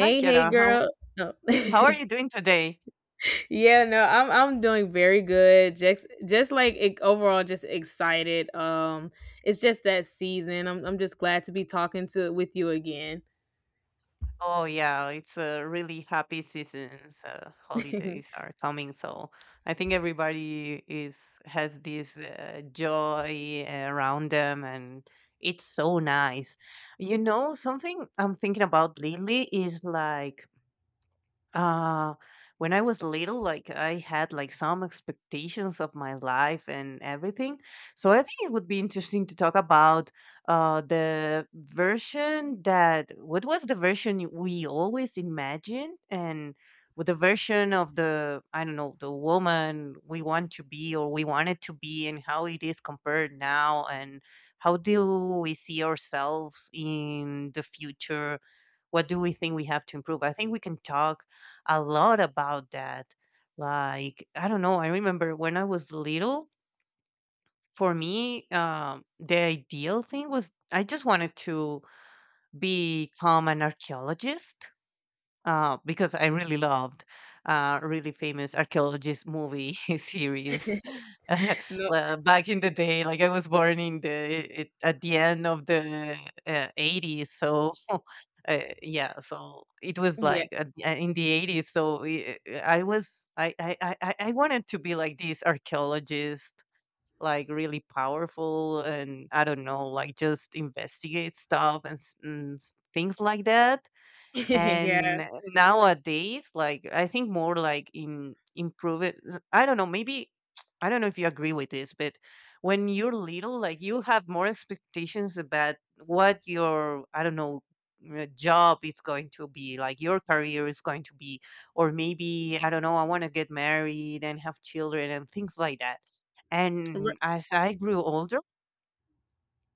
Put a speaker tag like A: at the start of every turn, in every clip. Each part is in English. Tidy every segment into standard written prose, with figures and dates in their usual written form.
A: Hi,
B: hey,
A: Kiara.
B: girl.
A: How
B: No.
A: how are you doing today?
B: yeah, no, I'm doing very good. Just like it, overall, just excited. It's just that season. I'm just glad to be talking to with you again.
A: Oh yeah, it's a really happy season. Holidays are coming, so I think everybody is has this joy around them, and it's so nice. You know, something I'm thinking about lately is like Uh, when I was little, like I had like some expectations of my life and everything. So I think it would be interesting to talk about the version that what was the version we always imagined and with the version of the I don't know the woman we want to be or we wanted to be and how it is compared now and how do we see ourselves in the future, what do we think we have to improve? I think we can talk a lot about that. Like, I don't know, I remember when I was little, for me, the ideal thing was I just wanted to become an archaeologist because I really loved really famous archaeologist movie series.
B: no,
A: Well, back in the day, like I was born in at the end of the 80s, so yeah, so it was
B: yeah,
A: like in the 80s. So I was I wanted to be like this archaeologist. Like really powerful, and I don't know, like just investigate stuff and, things like that,
B: yeah,
A: and nowadays like I think more like in improve it. I don't know, maybe I don't know if you agree with this, but when you're little, like you have more expectations about what your I don't know job is going to be, like your career is going to be. Or maybe, I don't know, I want to get married and have children and things like that.
B: R-
A: And as I grew older,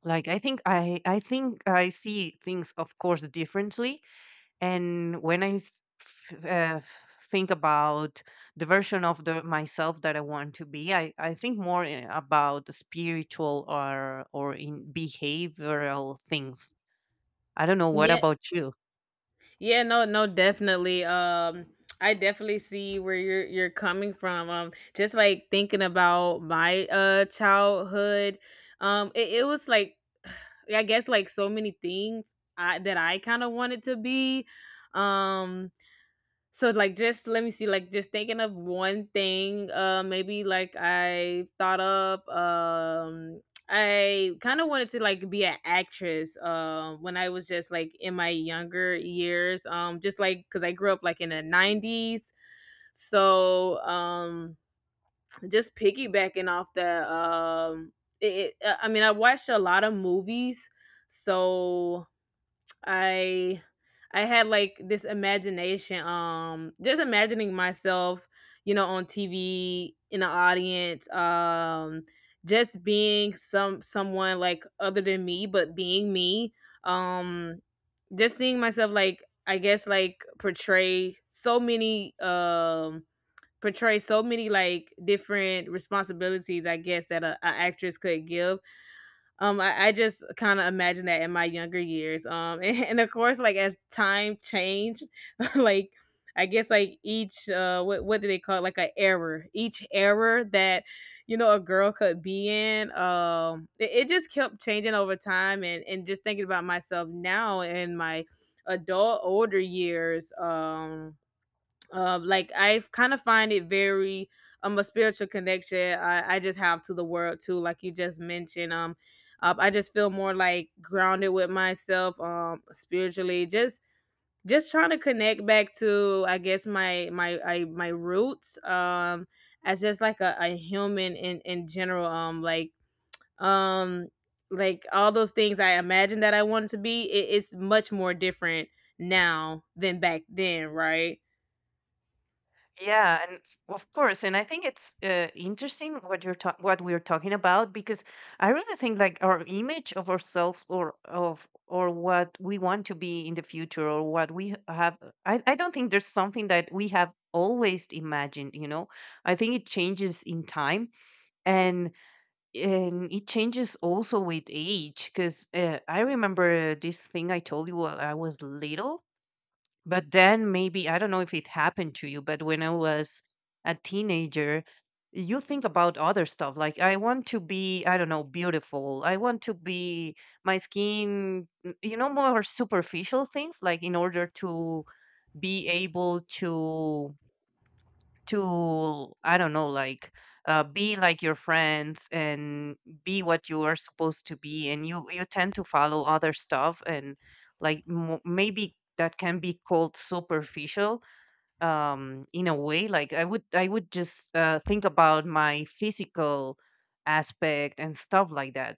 A: like I think I see things, of course, differently. And when I think about the version of the myself that I want to be, I think more about the spiritual or in behavioral things. I don't know. What
B: yeah,
A: about you?
B: yeah. No, no, definitely. I definitely see where you're coming from. Just like thinking about my childhood. It was like I guess like so many things that I kind of wanted to be. Um, so like just let me see, like just thinking of one thing. Maybe like I thought of. I kind of wanted to like be an actress. When I was just like in my younger years. Just like because I grew up like in the 90s. So just piggybacking off the I mean, I watched a lot of movies. So I I had like this imagination, just imagining myself, you know, on TV in the audience, just being someone like other than me, but being me. Um, just seeing myself like I guess like portray so many like different responsibilities I guess that a actress could give I just kind of imagine that in my younger years. And of course, like as time change, like I guess like each what do they call it? Like an error. Each error that you know a girl could be in. It just kept changing over time, and just thinking about myself now in my adult older years. Like I kind of find it very a spiritual connection I just have to the world too, like you just mentioned. I just feel more like grounded with myself, spiritually. Just trying to connect back to I guess my roots. As just like a human in general. Um like all those things I imagined that I wanted to be, it's much more different now than back then, right?
A: Yeah, and of course, and I think it's interesting what you're what we're talking about because I really think like our image of ourselves or of or what we want to be in the future or what we have. I don't think there's something that we have always imagined. You know, I think it changes in time, and and it changes also with age. Because I remember this thing I told you while I was little, but then maybe, I don't know if it happened to you, but when I was a teenager, you think about other stuff. Like, I want to be, I don't know, beautiful. I want to be my skin, you know, more superficial things, like in order to be able to I don't know like be like your friends and be what you are supposed to be, and you tend to follow other stuff. And like mo maybe that can be called superficial in a way. Like I would just think about my physical aspect and stuff like that.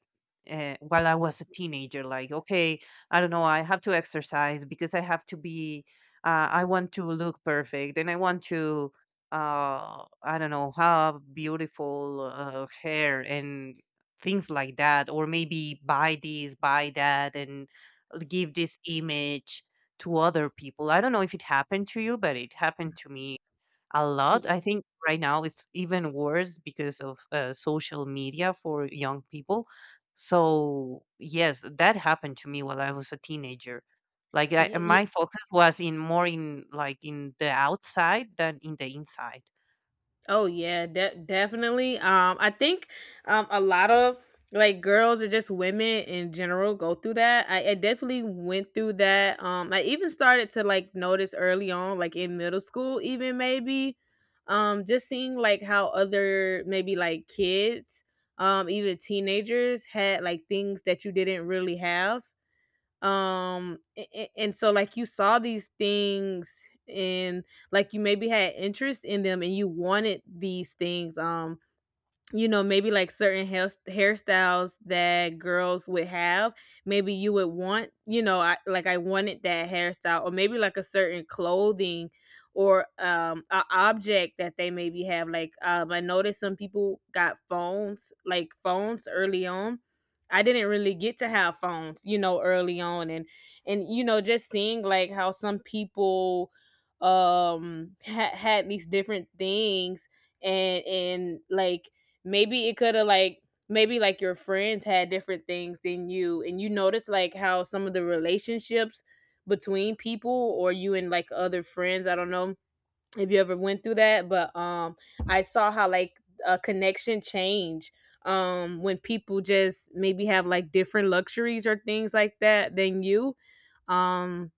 A: Uh, while I was a teenager, like okay, I don't know, I have to exercise because I have to be I want to look perfect, and I want to I don't know have beautiful hair and things like that, or maybe buy this, buy that, and give this image to other people. I don't know if it happened to you, but it happened to me a lot.
B: Y-
A: I think right now it's even worse because of social media for young people. So, yes, that happened to me while I was a teenager. Like I,
B: yeah,
A: my focus was in more in like in the outside than in the inside.
B: Oh yeah, definitely. I think a lot of like girls or just women in general go through that. I definitely went through that. I even started to like notice early on, like in middle school, even maybe, just seeing like how other maybe like kids, even teenagers had like things that you didn't really have and so like you saw these things and like you maybe had interest in them and you wanted these things you know, maybe like certain hairstyles that girls would have. Maybe you would want, you know, I wanted that hairstyle, or maybe like a certain clothing or a object that they maybe have. Like I noticed some people got phones, like phones early on. I didn't really get to have phones, you know, early on and you know, just seeing like how some people had these different things and like maybe it could have like maybe like your friends had different things than you and you notice like how some of the relationships between people or you and like other friends I don't know if you ever went through that but I saw how like a connection change when people just maybe have like different luxuries or things like that than you um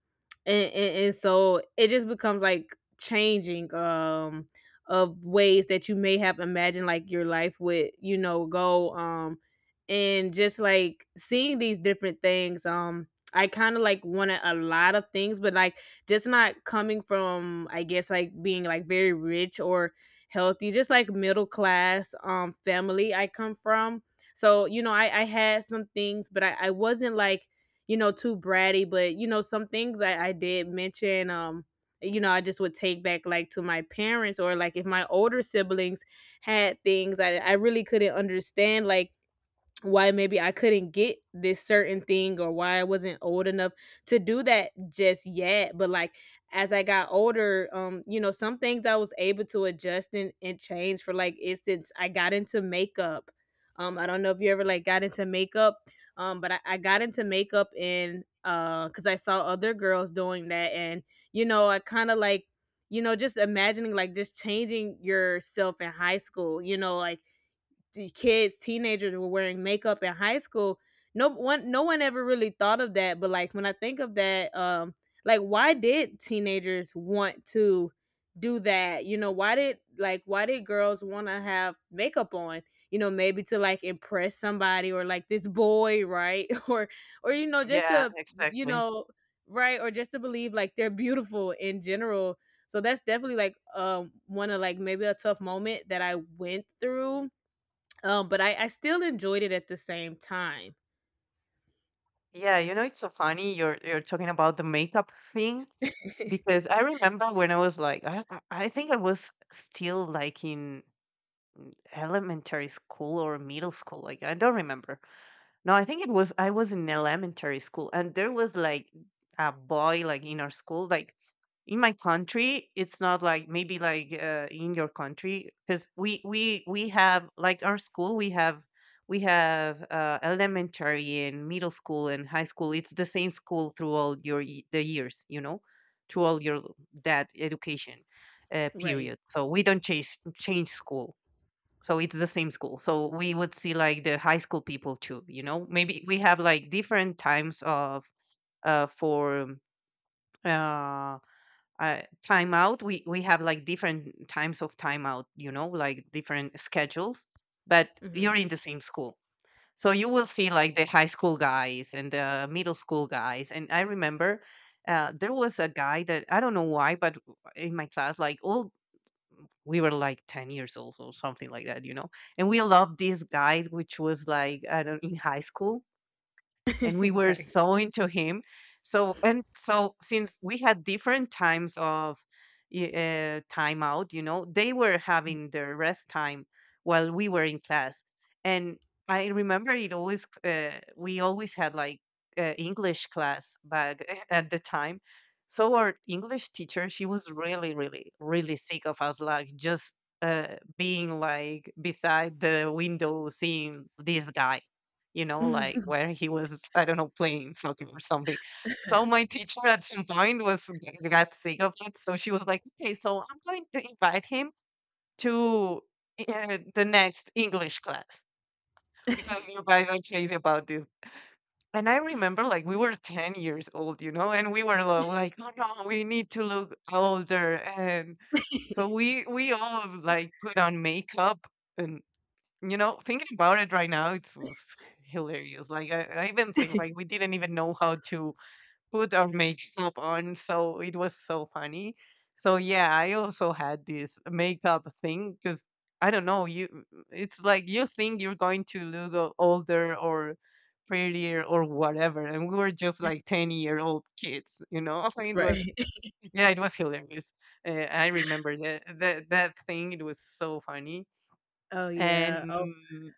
B: and so it just becomes like changing of ways that you may have imagined like your life would you know go and just like seeing these different things I kind of like wanted a lot of things but like just not coming from I guess like being like very rich or healthy just like middle class family I come from so you know i had some things but i wasn't like you know, too bratty, but you know, some things I did mention, you know, I just would take back like to my parents or like if my older siblings had things I really couldn't understand, like why maybe I couldn't get this certain thing or why I wasn't old enough to do that just yet. But like as I got older, you know, some things I was able to adjust and change for like instance, I got into makeup. I don't know if you ever like got into makeup. But I got into makeup and because I saw other girls doing that and you know, I kinda like you know, just imagining like just changing yourself in high school, you know, like the kids, teenagers were wearing makeup in high school. No one ever really thought of that, but like when I think of that, like why did teenagers want to do that? You know, why did like why did girls want to have makeup on? You know, maybe to like impress somebody or like this boy, right? Or you know, just
A: Yeah,
B: to you
A: exactly.
B: know, right or just to believe like they're beautiful in general so that's definitely like one of like maybe a tough moment that I went through but I still enjoyed it at the same time.
A: Yeah, you know, it's so funny you're talking about the makeup thing because I remember when I was like I think I was still like in elementary school or middle school, like I don't remember. No, I think it was I was in elementary school, and there was like a boy like in our school. Like in my country, it's not like maybe like in your country, because we have like our school, we have elementary and middle school and high school, it's the same school through all your the years, you know, through all your that education
B: Right.
A: period. So we don't change school, so it's the same school. So we would see like the high school people too, you know? Maybe we have like different times of for uh, timeout. We have like different times of timeout, you know, like different schedules, but you're
B: Mhm.
A: in the same school. So you will see like the high school guys and the middle school guys. And I remember there was a guy that I don't know why, but in my class, like all we were like 10 years old or something like that, you know, and we loved this guy, which was like I don't in high school, and we were
B: Right.
A: so into him. So and so since we had different times of time out, you know, they were having their rest time while we were in class, and I remember it always. C- we always had like English class back at the time. So our English teacher, she was really, really, really sick of us, like just being like beside the window, seeing this guy, you know, like where he was, I don't know, playing soccer or something. So my teacher at some point was got sick of it. So she was like, okay, so I'm going to invite him to the next English class because you guys are crazy about this. And I remember like we were 10 years old, you know, and we were like, oh no, we need to look older. And so we all like put on makeup, and you know, thinking about it right now, it's hilarious. I even think like we didn't even know how to put our makeup on, so it was so funny. So yeah, I also had this makeup thing because I don't know you. It's like you think you're going to look older or prettier or whatever, and we were just like 10 year old kids. You know, it was
B: Right.
A: yeah, it was hilarious. I remember that that thing. It was so funny,
B: Oh, yeah.
A: and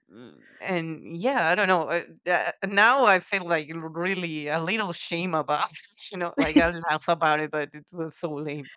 A: and yeah, I don't know, now I feel, like, r really a little shame about it, you know, like, I laugh about it, but it was so lame.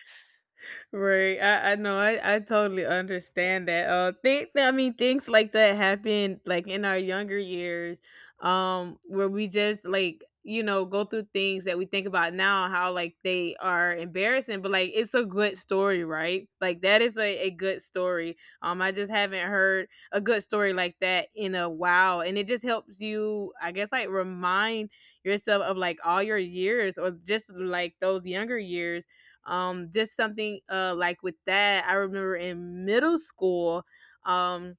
B: Right. I know. I totally understand that. Think I mean things like that happen like in our younger years, where we just like, you know, go through things that we think about now, how like they are embarrassing, but like it's a good story, right? Like that is a good story. I just haven't heard a good story like that in a while. And it just helps you, I guess, like remind yourself of like all your years or just like those younger years just something like with that, I remember in middle school, um,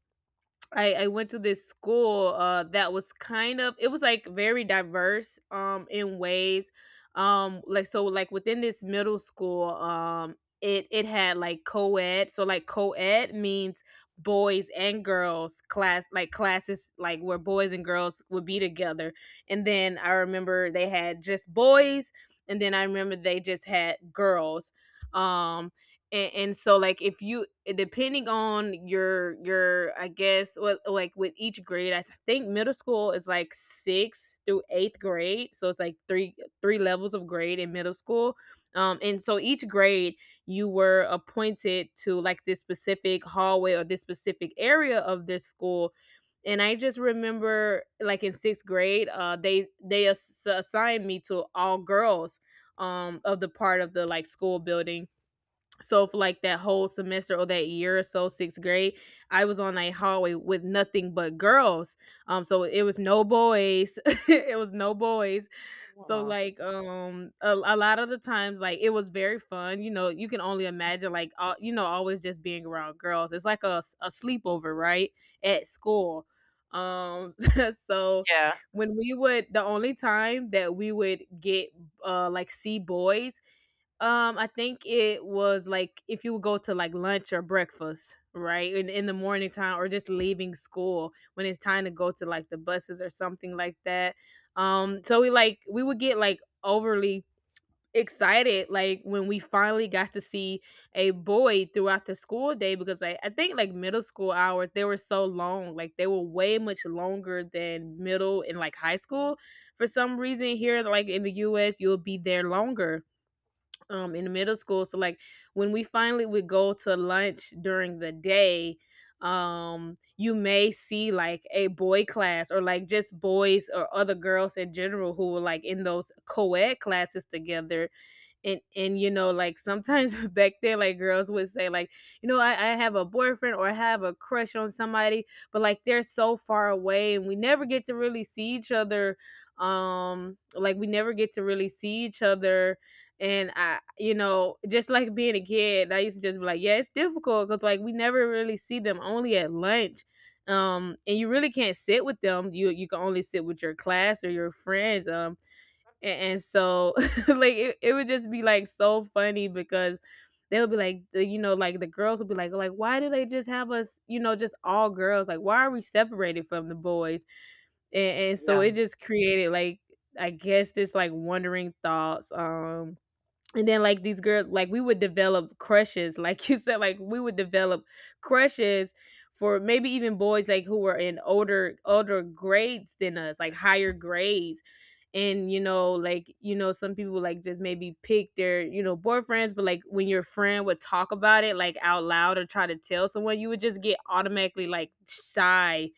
B: I went to this school that was kind of it was like very diverse in ways like so like within this middle school it had like co-ed so like co-ed means boys and girls class like classes like where boys and girls would be together and then I remember they had just boys and then I remember they just had girls um and so like if you depending on your I guess well, like with each grade I think middle school is like sixth through eighth grade so it's like three levels of grade in middle school and so each grade you were appointed to like this specific hallway or this specific area of this school and I just remember like in sixth grade they assigned me to all girls of the part of the like school building so for like that whole semester or that year or so, sixth grade, I was on a hallway with nothing but girls. So it was no boys. It was no boys. So
A: Wow.
B: like a lot of the times like it was very fun. You know, you can only imagine like all, you know always just being around girls. It's like a sleepover, right? At school. Um so
A: Yeah,
B: when we would the only time that we would get like see boys I think it was like if you would go to like lunch or breakfast, right? In the morning time or just leaving school when it's time to go to like the buses or something like that. So we like we would get like overly excited like when we finally got to see a boy throughout the school day because like I think like middle school hours they were so long. Like they were way much longer than middle and like high school. For some reason here, like in the US, you'll be there longer, in middle school. So like when we finally would go to lunch during the day, you may see like a boy class or like just boys or other girls in general who were like in those co-ed classes together. And you know, like sometimes back then, like girls would say, like, you know, I have a boyfriend or I have a crush on somebody, but like they're so far away and we never get to really see each other. Like we never get to really see each other. And I, you know, just like being a kid, I used to just be like, yeah, it's difficult because like we never really see them, only at lunch. And you really can't sit with them. You can only sit with your class or your friends. A- and so like it would just be like so funny because they'll be like you know, like the girls will be like, why do they just have us, you know, just all girls, like why are we separated from the boys? And so it
A: yeah,
B: just created like, I guess, this like wondering thoughts. And then like these girls, like we would develop crushes, like you said, like we would develop crushes for maybe even boys like who were in older grades than us, like higher grades. And you know, like, you know, some people like just maybe pick their, you know, boyfriends, but like when your friend would talk about it like out loud or try to tell someone, you would just get automatically like shy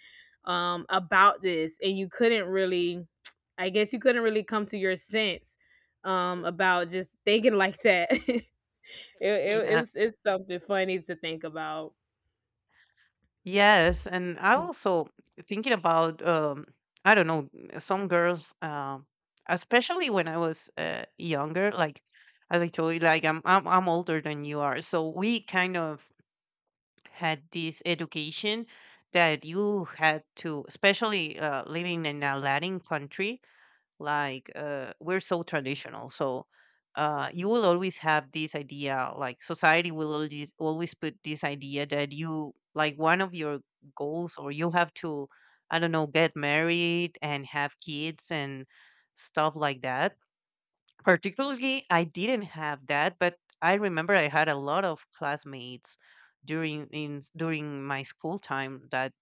B: about this. And you couldn't really I guess you couldn't really come to your sense about just thinking like that. it, it,
A: yeah.
B: it's it's something funny to think about.
A: Yes, and I
B: Mm.
A: also thinking about I don't know some girls, especially when I was younger. Like as I told you, like I'm older than you are, so we kind of had this education that you had to, especially living in a Latin country, like we're so traditional. So you will always have this idea, like society will always always put this idea that you like one of your goals, or you have to I don't know get married and have kids and stuff like that. Particularly I didn't have that, but I remember I had a lot of classmates during my school time that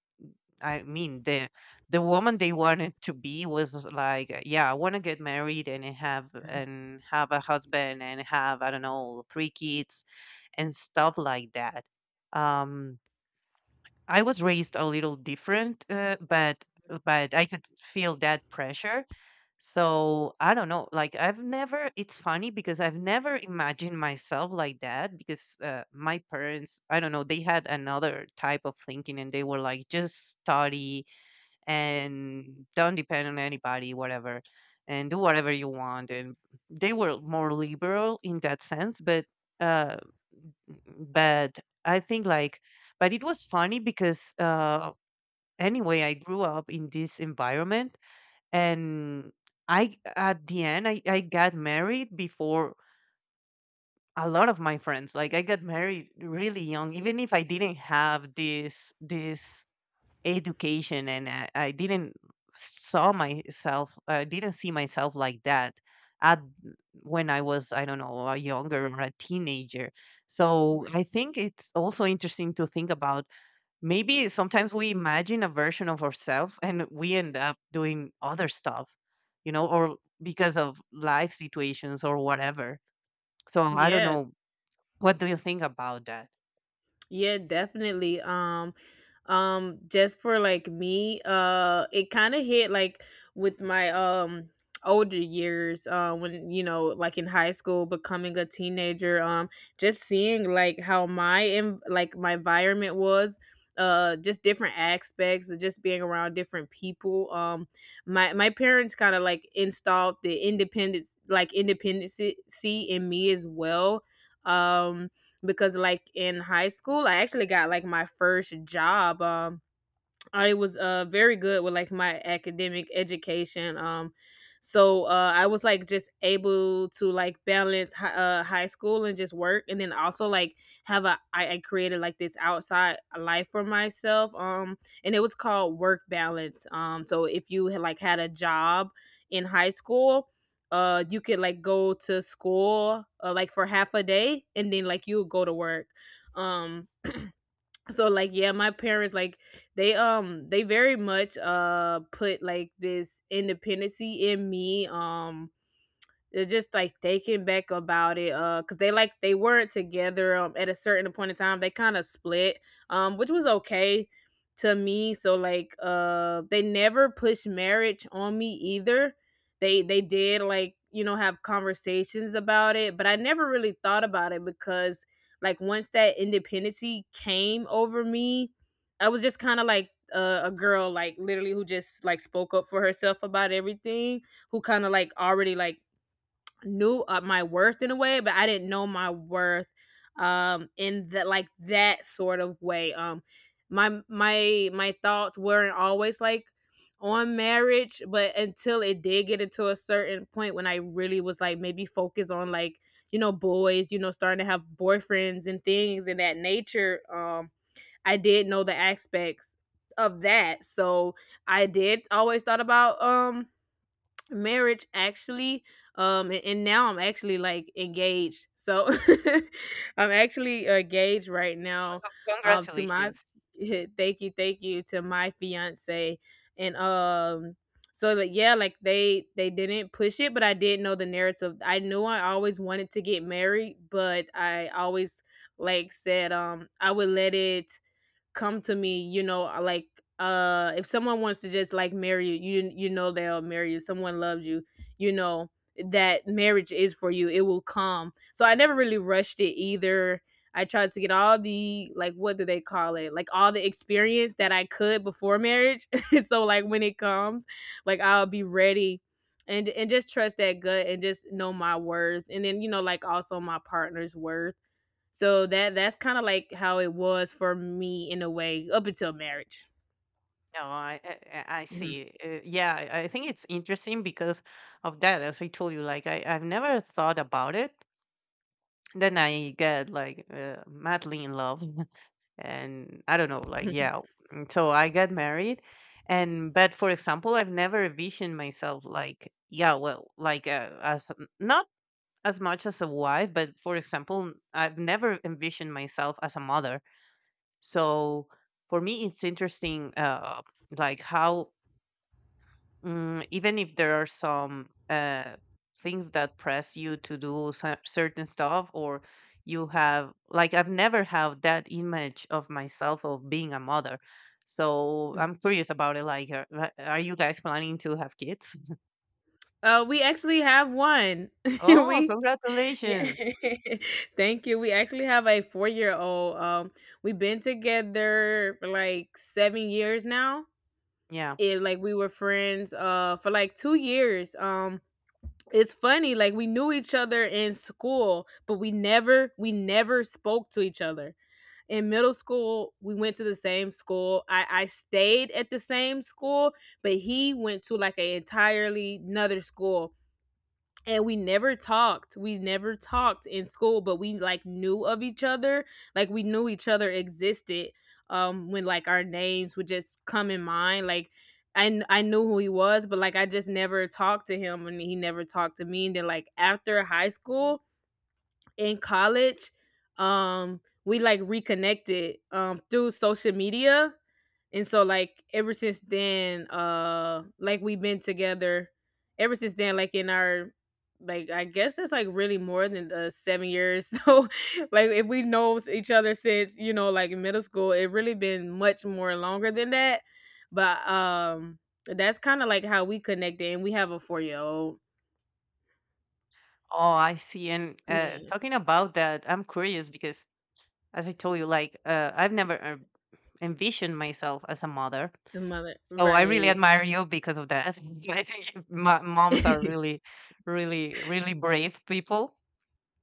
A: I mean, the woman they wanted to be was like, yeah, I want to get married and have a husband and have I don't know 3 kids and stuff like that. Um, I was raised a little different, but I could feel that pressure. So I don't know. Like I've never. It's funny because I've never imagined myself like that because my parents. I don't know. They had another type of thinking, and they were like, just study and don't depend on anybody, whatever, and do whatever you want. And they were more liberal in that sense, uh, but I think like, but it was funny because anyway, I grew up in this environment, and I at the end I got married before a lot of my friends. Like I got married really young even if I didn't have this education, and I didn't saw myself I didn't see myself like that at when I was, I don't know, a younger or a teenager. So
B: Right.
A: I think it's also interesting to think about maybe sometimes we imagine a version of ourselves and we end up doing other stuff, you know, or because of life situations or whatever. So I don't
B: Yeah.
A: know, what do you think about that?
B: Yeah, definitely. Just for like me, it kind of hit like with my older years, when, you know, like in high school, becoming a teenager. Just seeing like how my, in like my environment was, just different aspects of just being around different people. My parents kind of like installed the independence, like independency in me as well. Um because like in high school, I actually got like my first job. I was very good with like my academic education. So I was like just able to like balance high school and just work, and then also like have a I created like this outside life for myself. And it was called work balance. So if you had like had a job in high school, you could like go to school, like for half a day, and then like you would go to work. Um so like, yeah, my parents like, they very much put like this independency in me. They're just like taken back about it, because they, like, they weren't together, at a certain point in time they kind of split, which was okay to me. So like, they never pushed marriage on me either. They did, like, you know, have conversations about it, but I never really thought about it because like once that independency came over me, I was just kind of like, a girl like literally who just like spoke up for herself about everything, who kind of like already like knew, my worth in a way, but I didn't know my worth in that, like that sort of way. My thoughts weren't always like on marriage, but until it did get into a certain point when I really was like maybe focused on like, you know, boys, you know, starting to have boyfriends and things in that nature, I did know the aspects of that. So I did always thought about marriage actually. And now I'm actually like engaged, so I'm actually, engaged right now
A: Well,
B: to my
A: congratulations.
B: thank you, thank you to my fiance. And So like, yeah, like they didn't push it, but I did know the narrative. I knew I always wanted to get married, but I always like said, I would let it come to me, you know, like, if someone wants to just like marry you, you know they'll marry you. Someone loves you, you know that marriage is for you. It will come. So I never really rushed it either. I tried to get all the, like, what do they call it? Like all the experience that I could before marriage. So like, when it comes, like I'll be ready, and just trust that gut and just know my worth, and then, you know, like, also my partner's worth. So that's kinda like how it was for me in a way up until marriage.
A: No, I
B: Mhm.
A: see. Yeah, I think it's interesting because of that. As I told you, like I've never thought about it. Then I get like madly in love, and I don't know, like yeah. So I get married, and but for example, I've never envisioned myself like yeah, well, not as much as a wife, but for example, I've never envisioned myself as a mother. So for me, it's interesting, like how. Even if there are some things that press you to do certain stuff, or you have like, I've never have that image of myself of being a mother. So I'm curious about it, like are you guys planning to have kids?
B: We actually have one.
A: Oh,
B: We yeah.
A: congratulations.
B: Thank you. We actually have a four-year-old. We've been together for like 7 years now.
A: Yeah.
B: Yeah, like, we were friends, for like 2 years. It's funny, like we knew each other in school, but we never spoke to each other. In middle school, we went to the same school. I stayed at the same school, but he went to like an entirely another school. And we never talked in school, but we like knew of each other, like we knew each other existed. When like our names would just come in mind, like I knew who he was, but like I just never talked to him and he never talked to me. And then like after high school, in college, we like reconnected through social media. And so like, ever since then, like we've been together ever since then, like in our, like, I guess that's like really more than the 7 years. So like if we know each other since, you know, like middle school, it really been much more longer than that. But that's kinda like how we connected, and we have a 4 year old.
A: Oh, I see. And
B: Yeah.
A: talking about that, I'm curious because, as I told you, like I've never envisioned myself as a mother.
B: The mother,
A: So I really
B: right.
A: admire you because of that. I think moms are really, really, really brave people.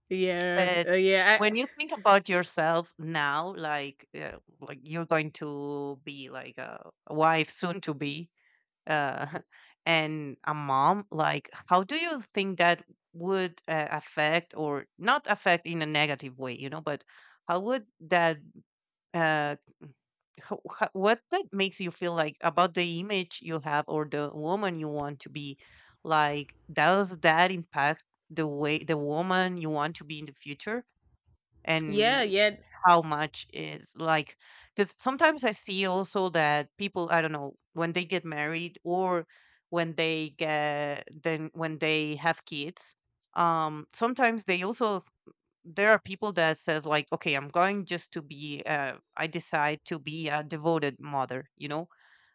B: Yeah.
A: But
B: Yeah.
A: when you think about yourself now, like you're going to be like a wife soon to be, uh, and a mom, like how do you think that would affect or not affect in a negative way, you know? But how would that uh, what that makes you feel like about the image you have or the woman you want to be? Like does that impact the way the woman you want to be in the future?
B: Yeah,
A: And
B: yeah.
A: how much is like, because sometimes I see also that people, I don't know, when they get married, or when they get then when they have kids, um, sometimes they also, there are people that says like, okay, I'm going just to be I decide to be a devoted mother, you know,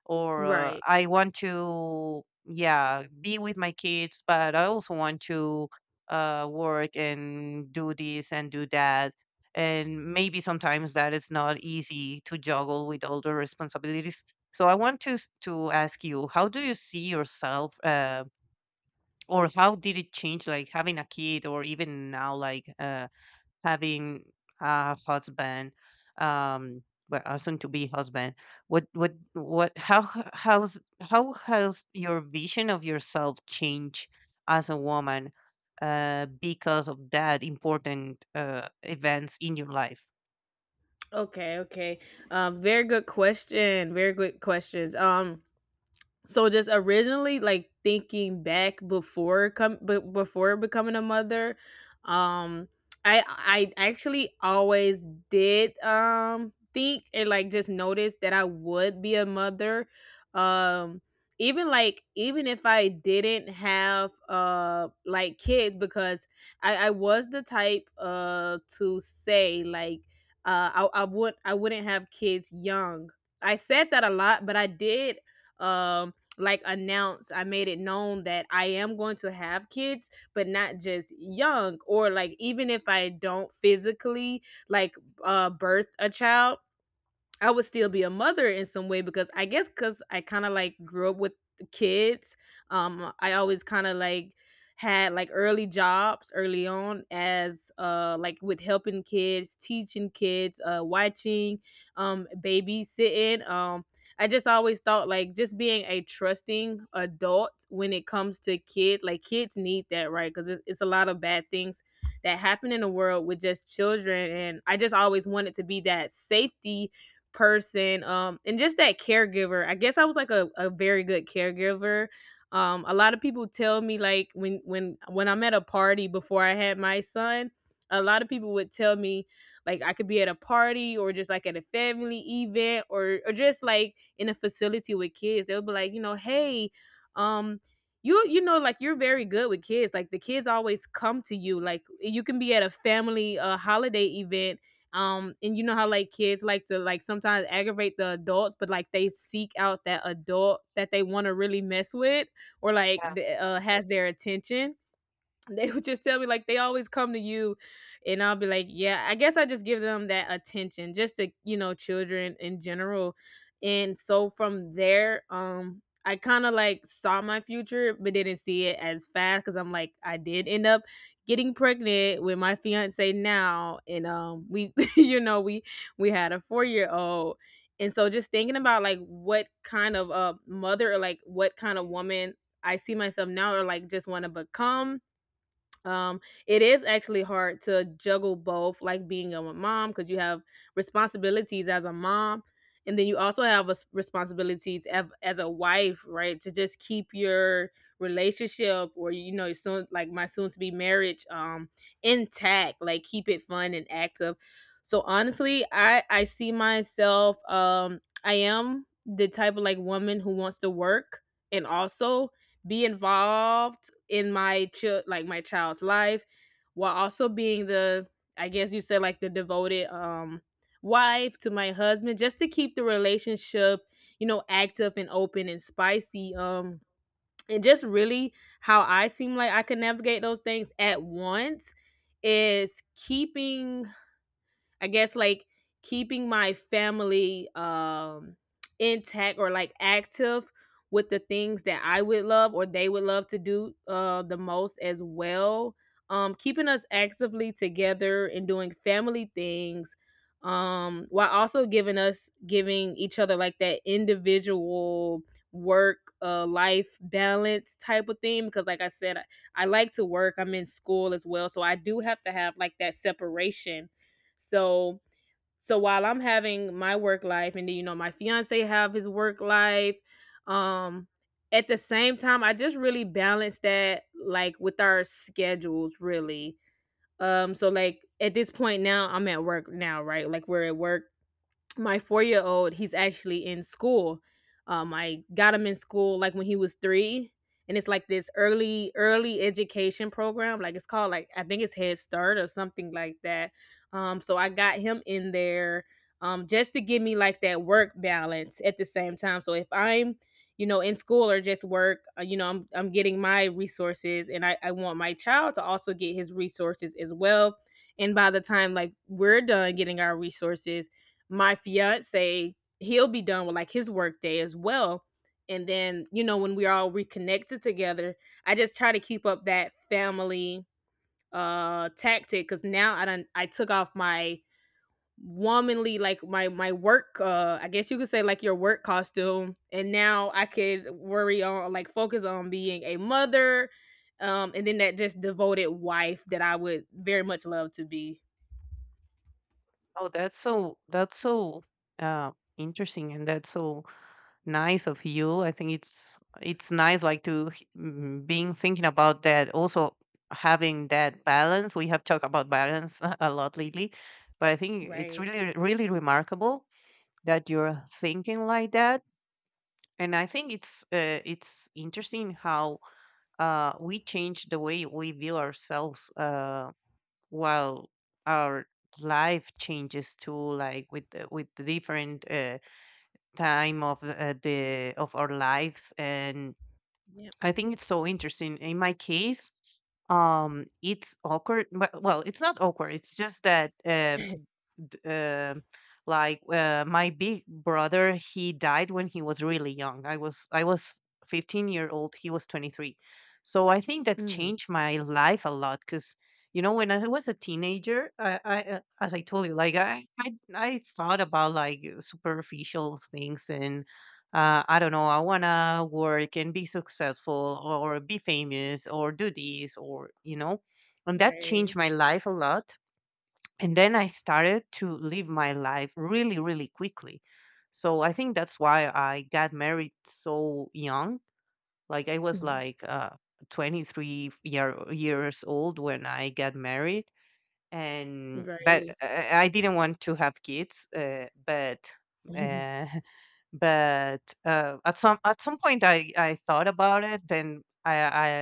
A: or
B: Right.
A: I want to, yeah, be with my kids, but I also want to work and do this and do that. And maybe sometimes that is not easy to juggle with all the responsibilities. So I want to to ask you, how do you see yourself, or how did it change, like having a kid, or even now, like having a husband, um, well, a soon-to-be husband, what what? How h- how's how has your vision of yourself changed as a woman because of that important events in your life?
B: Okay, okay. Very good question. Very good questions. So just originally, like thinking back before before becoming a mother, um, I actually always did think and like just notice that I would be a mother, um, even like even if I didn't have like kids. Because I was the type to say like, uh, I would, I wouldn't have kids young. I said that a lot, but I did um like announce, I made it known that I am going to have kids, but not just young. Or like, even if I don't physically like birth a child, I would still be a mother in some way. Because I guess because I kind of like grew up with kids. I always kind of like had like early jobs early on as like with helping kids, teaching kids, watching, babysitting. I just always thought, like, just being a trusting adult when it comes to kids, like kids need that, right? Because it's a lot of bad things that happen in the world with just children, and I just always wanted to be that safety person, and just that caregiver. I guess I was like a very good caregiver. A lot of people tell me, like, when I'm at a party, before I had my son, a lot of people would tell me, like, I could be at a party or just like at a family event, or just like in a facility with kids, they'll be like, you know, hey, um you, you know, like, you're very good with kids, like the kids always come to you. Like you can be at a family holiday event, and you know how like kids like to like sometimes aggravate the adults, but like they seek out that adult that they want to really mess with, or like
A: Yeah.
B: has their attention. They would just tell me like they always come to you, and I'll be like yeah, I guess I just give them that attention just to children in general. And so from there, I kind of like saw my future but didn't see it as fast because I'm like, I did end up getting pregnant with my fiance now, and we we had a 4 year old. And so just thinking about like what kind of a mother or like what kind of woman I see myself now or like just want to become. um it is actually hard to juggle both, like being a mom because you have responsibilities as a mom, and then you also have responsibilities as a wife, right, to just keep your relationship or your soon, like my soon to be marriage, intact, like keep it fun and active. So honestly, I see myself, I am the type of like woman who wants to work and also be involved in my child, like my child's life, while also being the, I guess you said, like the devoted, wife to my husband, just to keep the relationship active and open and spicy, and just really how I seem like I could navigate those things at once is keeping, I guess like keeping my family, intact or like active with the things that I would love or they would love to do the most as well. Keeping us actively together and doing family things, while also giving us, giving each other like that individual work, life balance type of thing, because like I said, I like to work. I'm in school as well. So I do have to have like that separation. So while I'm having my work life and then my fiance have his work life, um at the same time I just really balance that like with our schedules really. So like at this point now I'm at work now, right? Like we're at work, my 4 year old, he's actually in school. I got him in school like when he was three, and it's like this early education program. Like it's called like, I think it's Head Start or something like that. So I got him in there, just to give me like that work balance at the same time. So if I'm in school or just work, I'm getting my resources, and I want my child to also get his resources as well. And by the time like we're done getting our resources, my fiance, he'll be done with like his work day as well. And then, when we're all reconnected together, I just try to keep up that family tactic, because now I don't, I took off my womanly, like my work, I guess you could say like your work costume, and now I could worry on, like focus on being a mother, and then that just devoted wife that I would very much love to be.
A: Oh, that's so, that's so uh, interesting, and that's so nice of you. I think it's nice like to being thinking about that. Also having that balance. We have talked about balance a lot lately, but I think it's
B: Right.
A: really, really remarkable that you're thinking like that. And I think it's interesting how we change the way we view ourselves while our life changes too, like with the different time of the of our lives. And
B: Yep.
A: I think it's so interesting. In my case, um, it's awkward, but well, it's not awkward, it's just that, um, d- uh, my big brother, he died when he was really young. I was 15-year old, he was 23. So I think that
B: Mm,
A: changed my life a lot because, you know, when I was a teenager, I as I told you, like I thought about like superficial things, and I don't know, I want to work and be successful or be famous or do this, or you know. And that
B: right.
A: changed my life a lot. And then I started to live my life really, really quickly. So I think that's why I got married so young. Like I was like 23-year, years old when I got married. And but
B: Right.
A: I, I didn't want to have kids, but uh, but at some point I thought about it. Then I,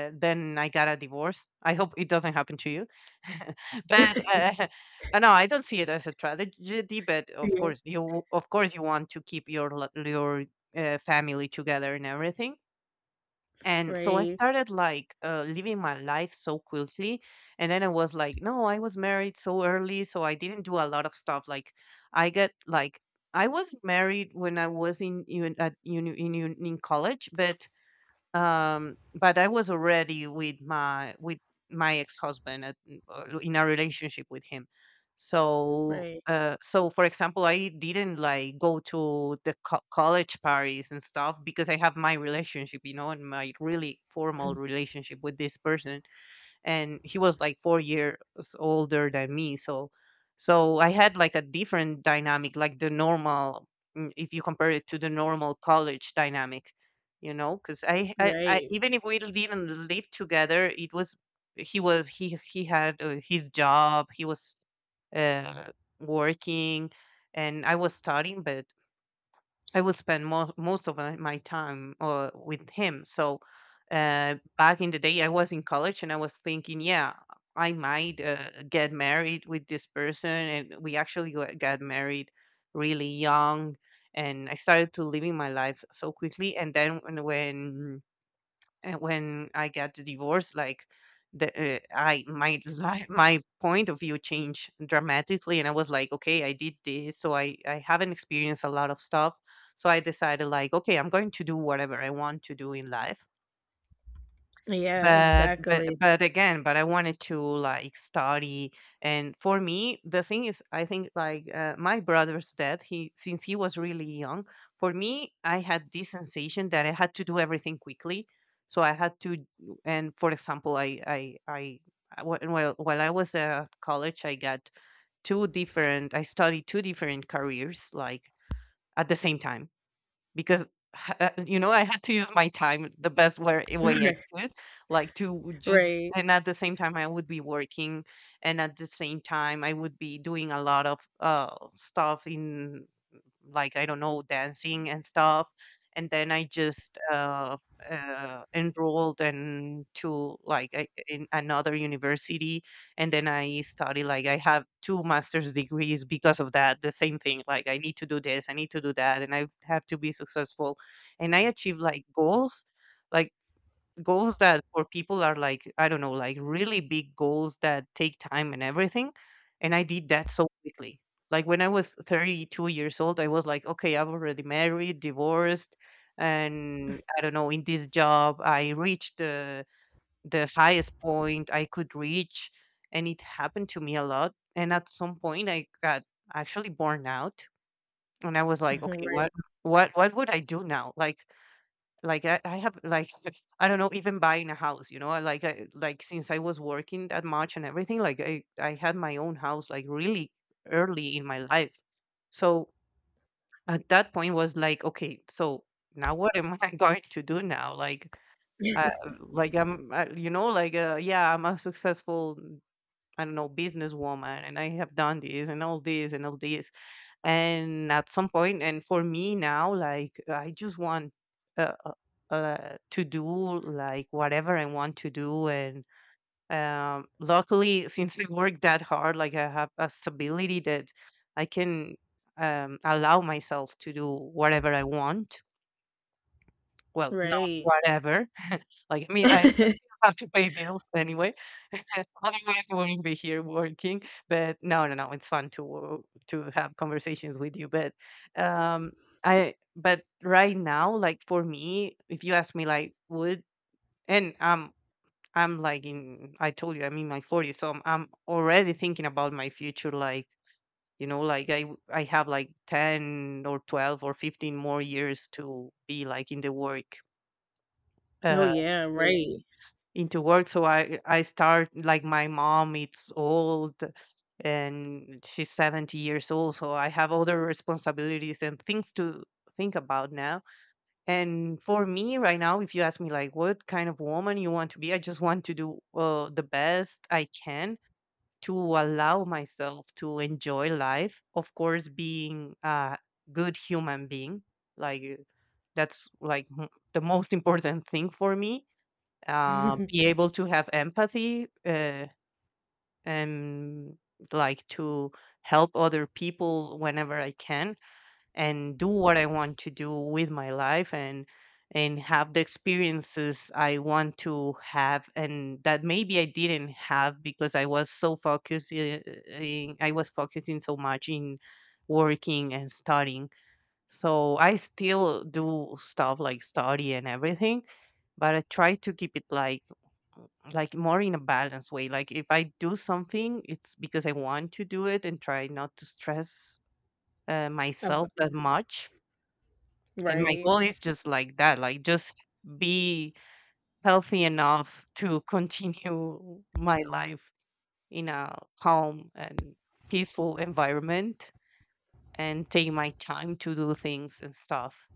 A: I then I got a divorce. I hope it doesn't happen to you. But no, I don't see it as a tragedy, but of
B: Yeah.
A: course you, of course you want to keep your your family together and everything. And so I
B: Right.
A: started like living my life so quickly. And then I was like, no, I was married so early, so I didn't do a lot of stuff. Like I get like, I was married when I was in, uni- at uni- in, uni- in college, but I was already with my ex-husband in a relationship with him. So,
B: Right.
A: so for example, I didn't like go to the college parties and stuff because I have my relationship, you know, and my really formal relationship with this person, and he was like 4 years older than me. So so I had like a different dynamic, like the normal, if you compare it to the normal college dynamic, you know, because I,
B: Right.
A: even if we didn't live together, it was, he had his job. He was uh working and I was studying. But I would spend most of my time with him. So back in the day, I was in college and I was thinking, yeah, I might get married with this person. And we actually got married really young. And I started to living my life so quickly. And then when I got divorced, like the I my life, my point of view changed dramatically, and I was like, okay, I did this, so I haven't experienced a lot of stuff. So I decided like, okay, I'm going to do whatever I want to do in life,
B: Yeah,
A: but
B: exactly.
A: but again, but I wanted to like study. And for me, the thing is, I think like, my brother's death, he since he was really young. For me, I had this sensation that I had to do everything quickly. So I had to, and for example, while I was at college, I got two different. I studied two different careers like at the same time, because you know, I had to use my time the best way, I could, like to just.
B: Right.
A: And at the same time, I would be working, and at the same time, I would be doing a lot of stuff in, like I don't know, dancing and stuff. And then I just enrolled in to like in another university, and then I study like I have two master's degrees because of that. The same thing, like I need to do this, I need to do that, and I have to be successful. And I achieve like goals that for people are like, I don't know, like really big goals that take time and everything. And I did that so quickly. Like when I was 32 years old, I was like, okay, I've already married, divorced, and I don't know, in this job, I reached the highest point I could reach. And it happened to me a lot, and at some point, I got actually born out. And I was
B: Right.
A: like,
B: Mhm.
A: okay,
B: Right.
A: what would I do now? Like I have like, I don't know, even buying a house, you know, I like like since I was working that much and everything, like I had my own house like really early in my life. So at that point was like, okay, so now what am I going to do now? Uh, like I'm you know, like yeah, I'm a successful, I don't know, businesswoman, and I have done this and all this and all this. And at some point, and for me now, like I just want uh, uh, to do like whatever I want to do. And um, luckily, since I work that hard, like I have a stability that I can um, allow myself to do whatever I want, well, not
B: Right.
A: whatever. Like I mean, I have to pay bills anyway. Otherwise, I wouldn't be here working. But no, no, no, it's fun to to have conversations with you. But um, I but right now, like for me, if you ask me, like would and. I'm like in, I told you, I'm in my 40s, so I'm already thinking about my future. Like, you know, like I have like 10 or 12 or 15 more years to be like in the work
B: Oh
A: uh,
B: yeah, right.
A: into work. So I start like my mom, it's old, and she's 70 years old. So I have other responsibilities and things to think about now. And for me right now, if you ask me like what kind of woman you want to be, I just want to do the best I can to allow myself to enjoy life. Of course, being a good human being, like that's like the most important thing for me. Be able to have empathy, and like to help other people whenever I can, and do what I want to do with my life, and have the experiences I want to have, and that maybe I didn't have because I was so focused. In, I was focusing so much in working and studying. So I still do stuff like study and everything, but I try to keep it like more in a balanced way. Like if I do something, it's because I want to do it, and try not to stress
B: Ab-
A: myself that much. And my
B: right.
A: goal is just like that, like just be healthy enough to continue my life in a calm and peaceful environment, and take my time to do things and stuff.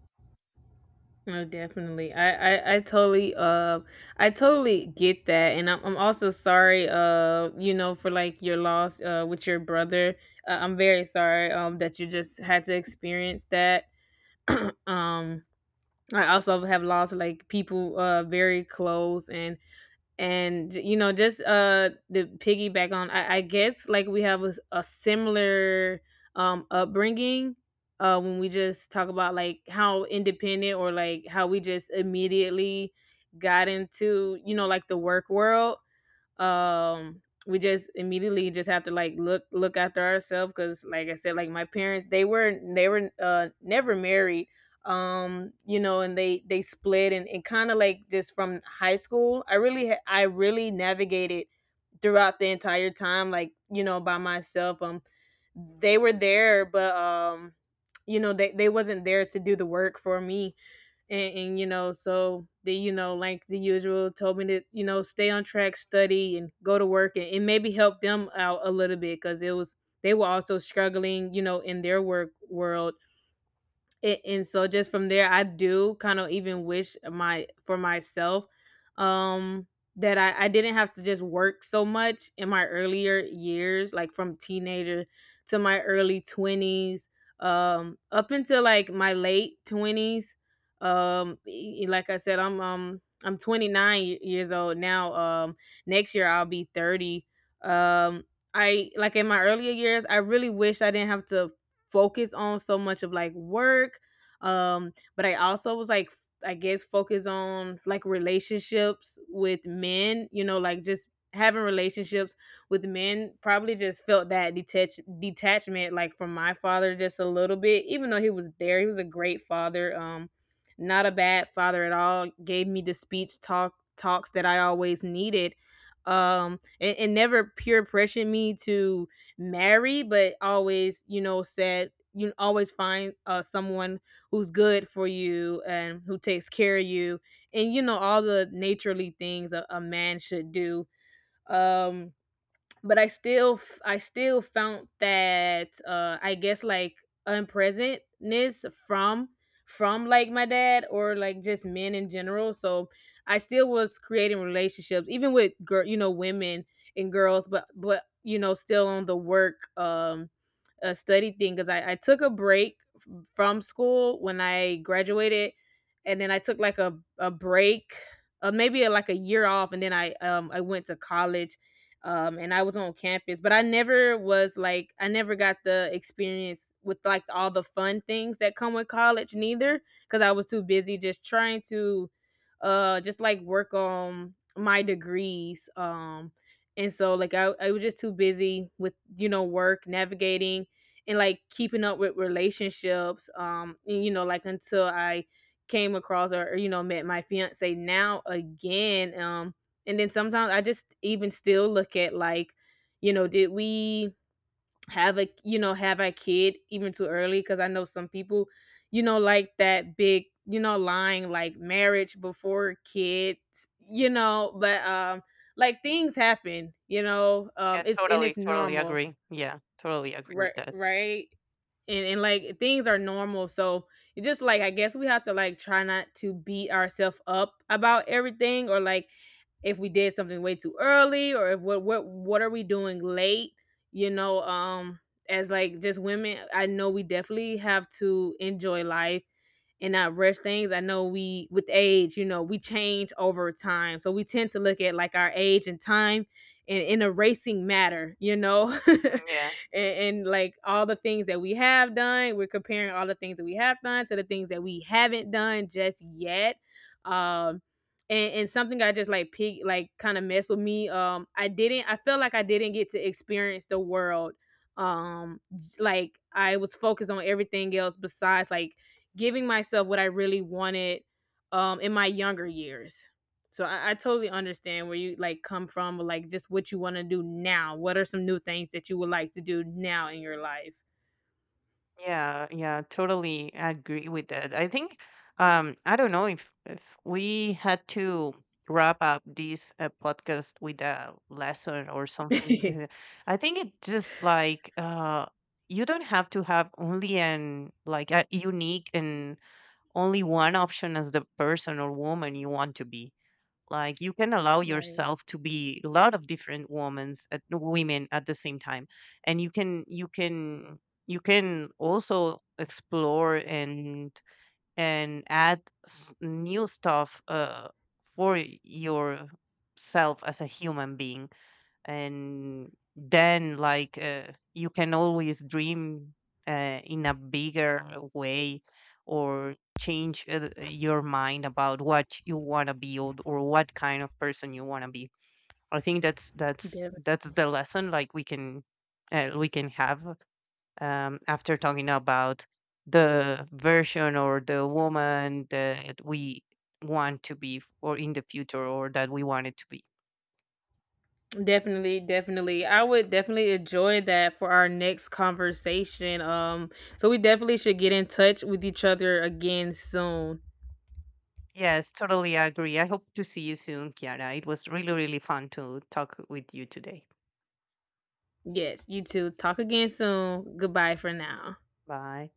B: Oh, definitely. I totally I totally get that, and I'm also sorry, for like your loss with your brother. I'm very sorry, that you just had to experience that. Um I also have lost like people, very close, and just the piggyback on, I guess like we have a, a similar upbringing, when we just talk about like how independent or like how we just immediately got into like the work world. um we just immediately just have to like look after ourselves, because like I said, like my parents, they were never married. And They split, and kind of like just from high school I really I really navigated throughout the entire time like, by myself. They were there, but they wasn't there to do the work for me, and so the, like the usual, told me to stay on track, study and go to work, and maybe help them out a little bit, because it was, they were also struggling, in their work world. And so just from there, I do kind of even wish my, for myself, um that I didn't have to just work so much in my earlier years, like from teenager to my early 20s, up until like my late 20s. Like I said, I'm 29 years old now. Next year I'll be 30. um I, like in my earlier years, I really wish I didn't have to focus on so much of like work. But I also was like, I guess focus on like relationships with men, like just having relationships with men, probably just felt that detachment like from my father just a little bit, even though he was there, he was a great father. Not a bad father at all, gave me the speech talks that I always needed. And never peer pressured me to marry, but always, said you always find, someone who's good for you and who takes care of you, and all the naturally things a man should do. Um, but I still, I still found that, I guess like unpresentness from like my dad or like just men in general. So I still was creating relationships, even with girl, women and girls, but still on the work, a study thing. Because I took a break from school when I graduated, and then I took like a break, maybe like a year off, and then I, I went to college, and I was on campus, but I never was like, I never got the experience with like all the fun things that come with college neither, because I was too busy just trying to, just like work on my degrees, and so like I was just too busy with, work navigating, and like keeping up with relationships, and, like until I came across or met my fiance now again. And then sometimes I just even still look at like, did we have a, have a kid even too early, because I know some people, like that big, lying like marriage before kids, but like things happen,
A: Yeah,
B: it's, and
A: totally,
B: it's
A: totally
B: normal.
A: agree. Yeah, totally agree
B: right
A: with that.
B: right And like things are normal, so it just like, I guess we have to like try not to beat ourselves up about everything, or like if we did something way too early, or if what, what are we doing late, you know um as like just women. I know we definitely have to enjoy life and not rush things. I know we, with age, we change over time. So we tend to look at like our age and time, and in a racing matter,
A: Yeah,
B: and like all the things that we have done, we're comparing all the things that we have done to the things that we haven't done just yet. Um, and something I just like pick, like kind of messed with me. I didn't. I feel like I didn't get to experience the world. Like I was focused on everything else besides like giving myself what I really wanted, in my younger years. So I totally understand where you like come from, like just what you want to do now. What are some new things that you would like to do now in your life?
A: yeah, yeah, totally agree with that. I think um, I don't know if we had to wrap up this podcast with a lesson or something. I think it just like you don't have to have only an like a unique and only one option as the person or woman you want to be. Like you can allow
B: Right.
A: yourself to be a lot of different women's at women at the same time. And you can also explore and add new stuff for yourself as a human being. And then like you can always dream in a bigger way, or change your mind about what you want to build or what kind of person you want to be. I think that's the
B: Definitely.
A: lesson, like we can have after talking about the version or the woman that we want to be or in the future, or that we wanted to be.
B: Definitely, definitely. I would definitely enjoy that for our next conversation. So we definitely should get in touch with each other again soon.
A: Yes, totally agree. I hope to see you soon, Kiara. It was really, really fun to talk with you today.
B: Yes, you too. Talk again soon. Goodbye for now.
A: Bye.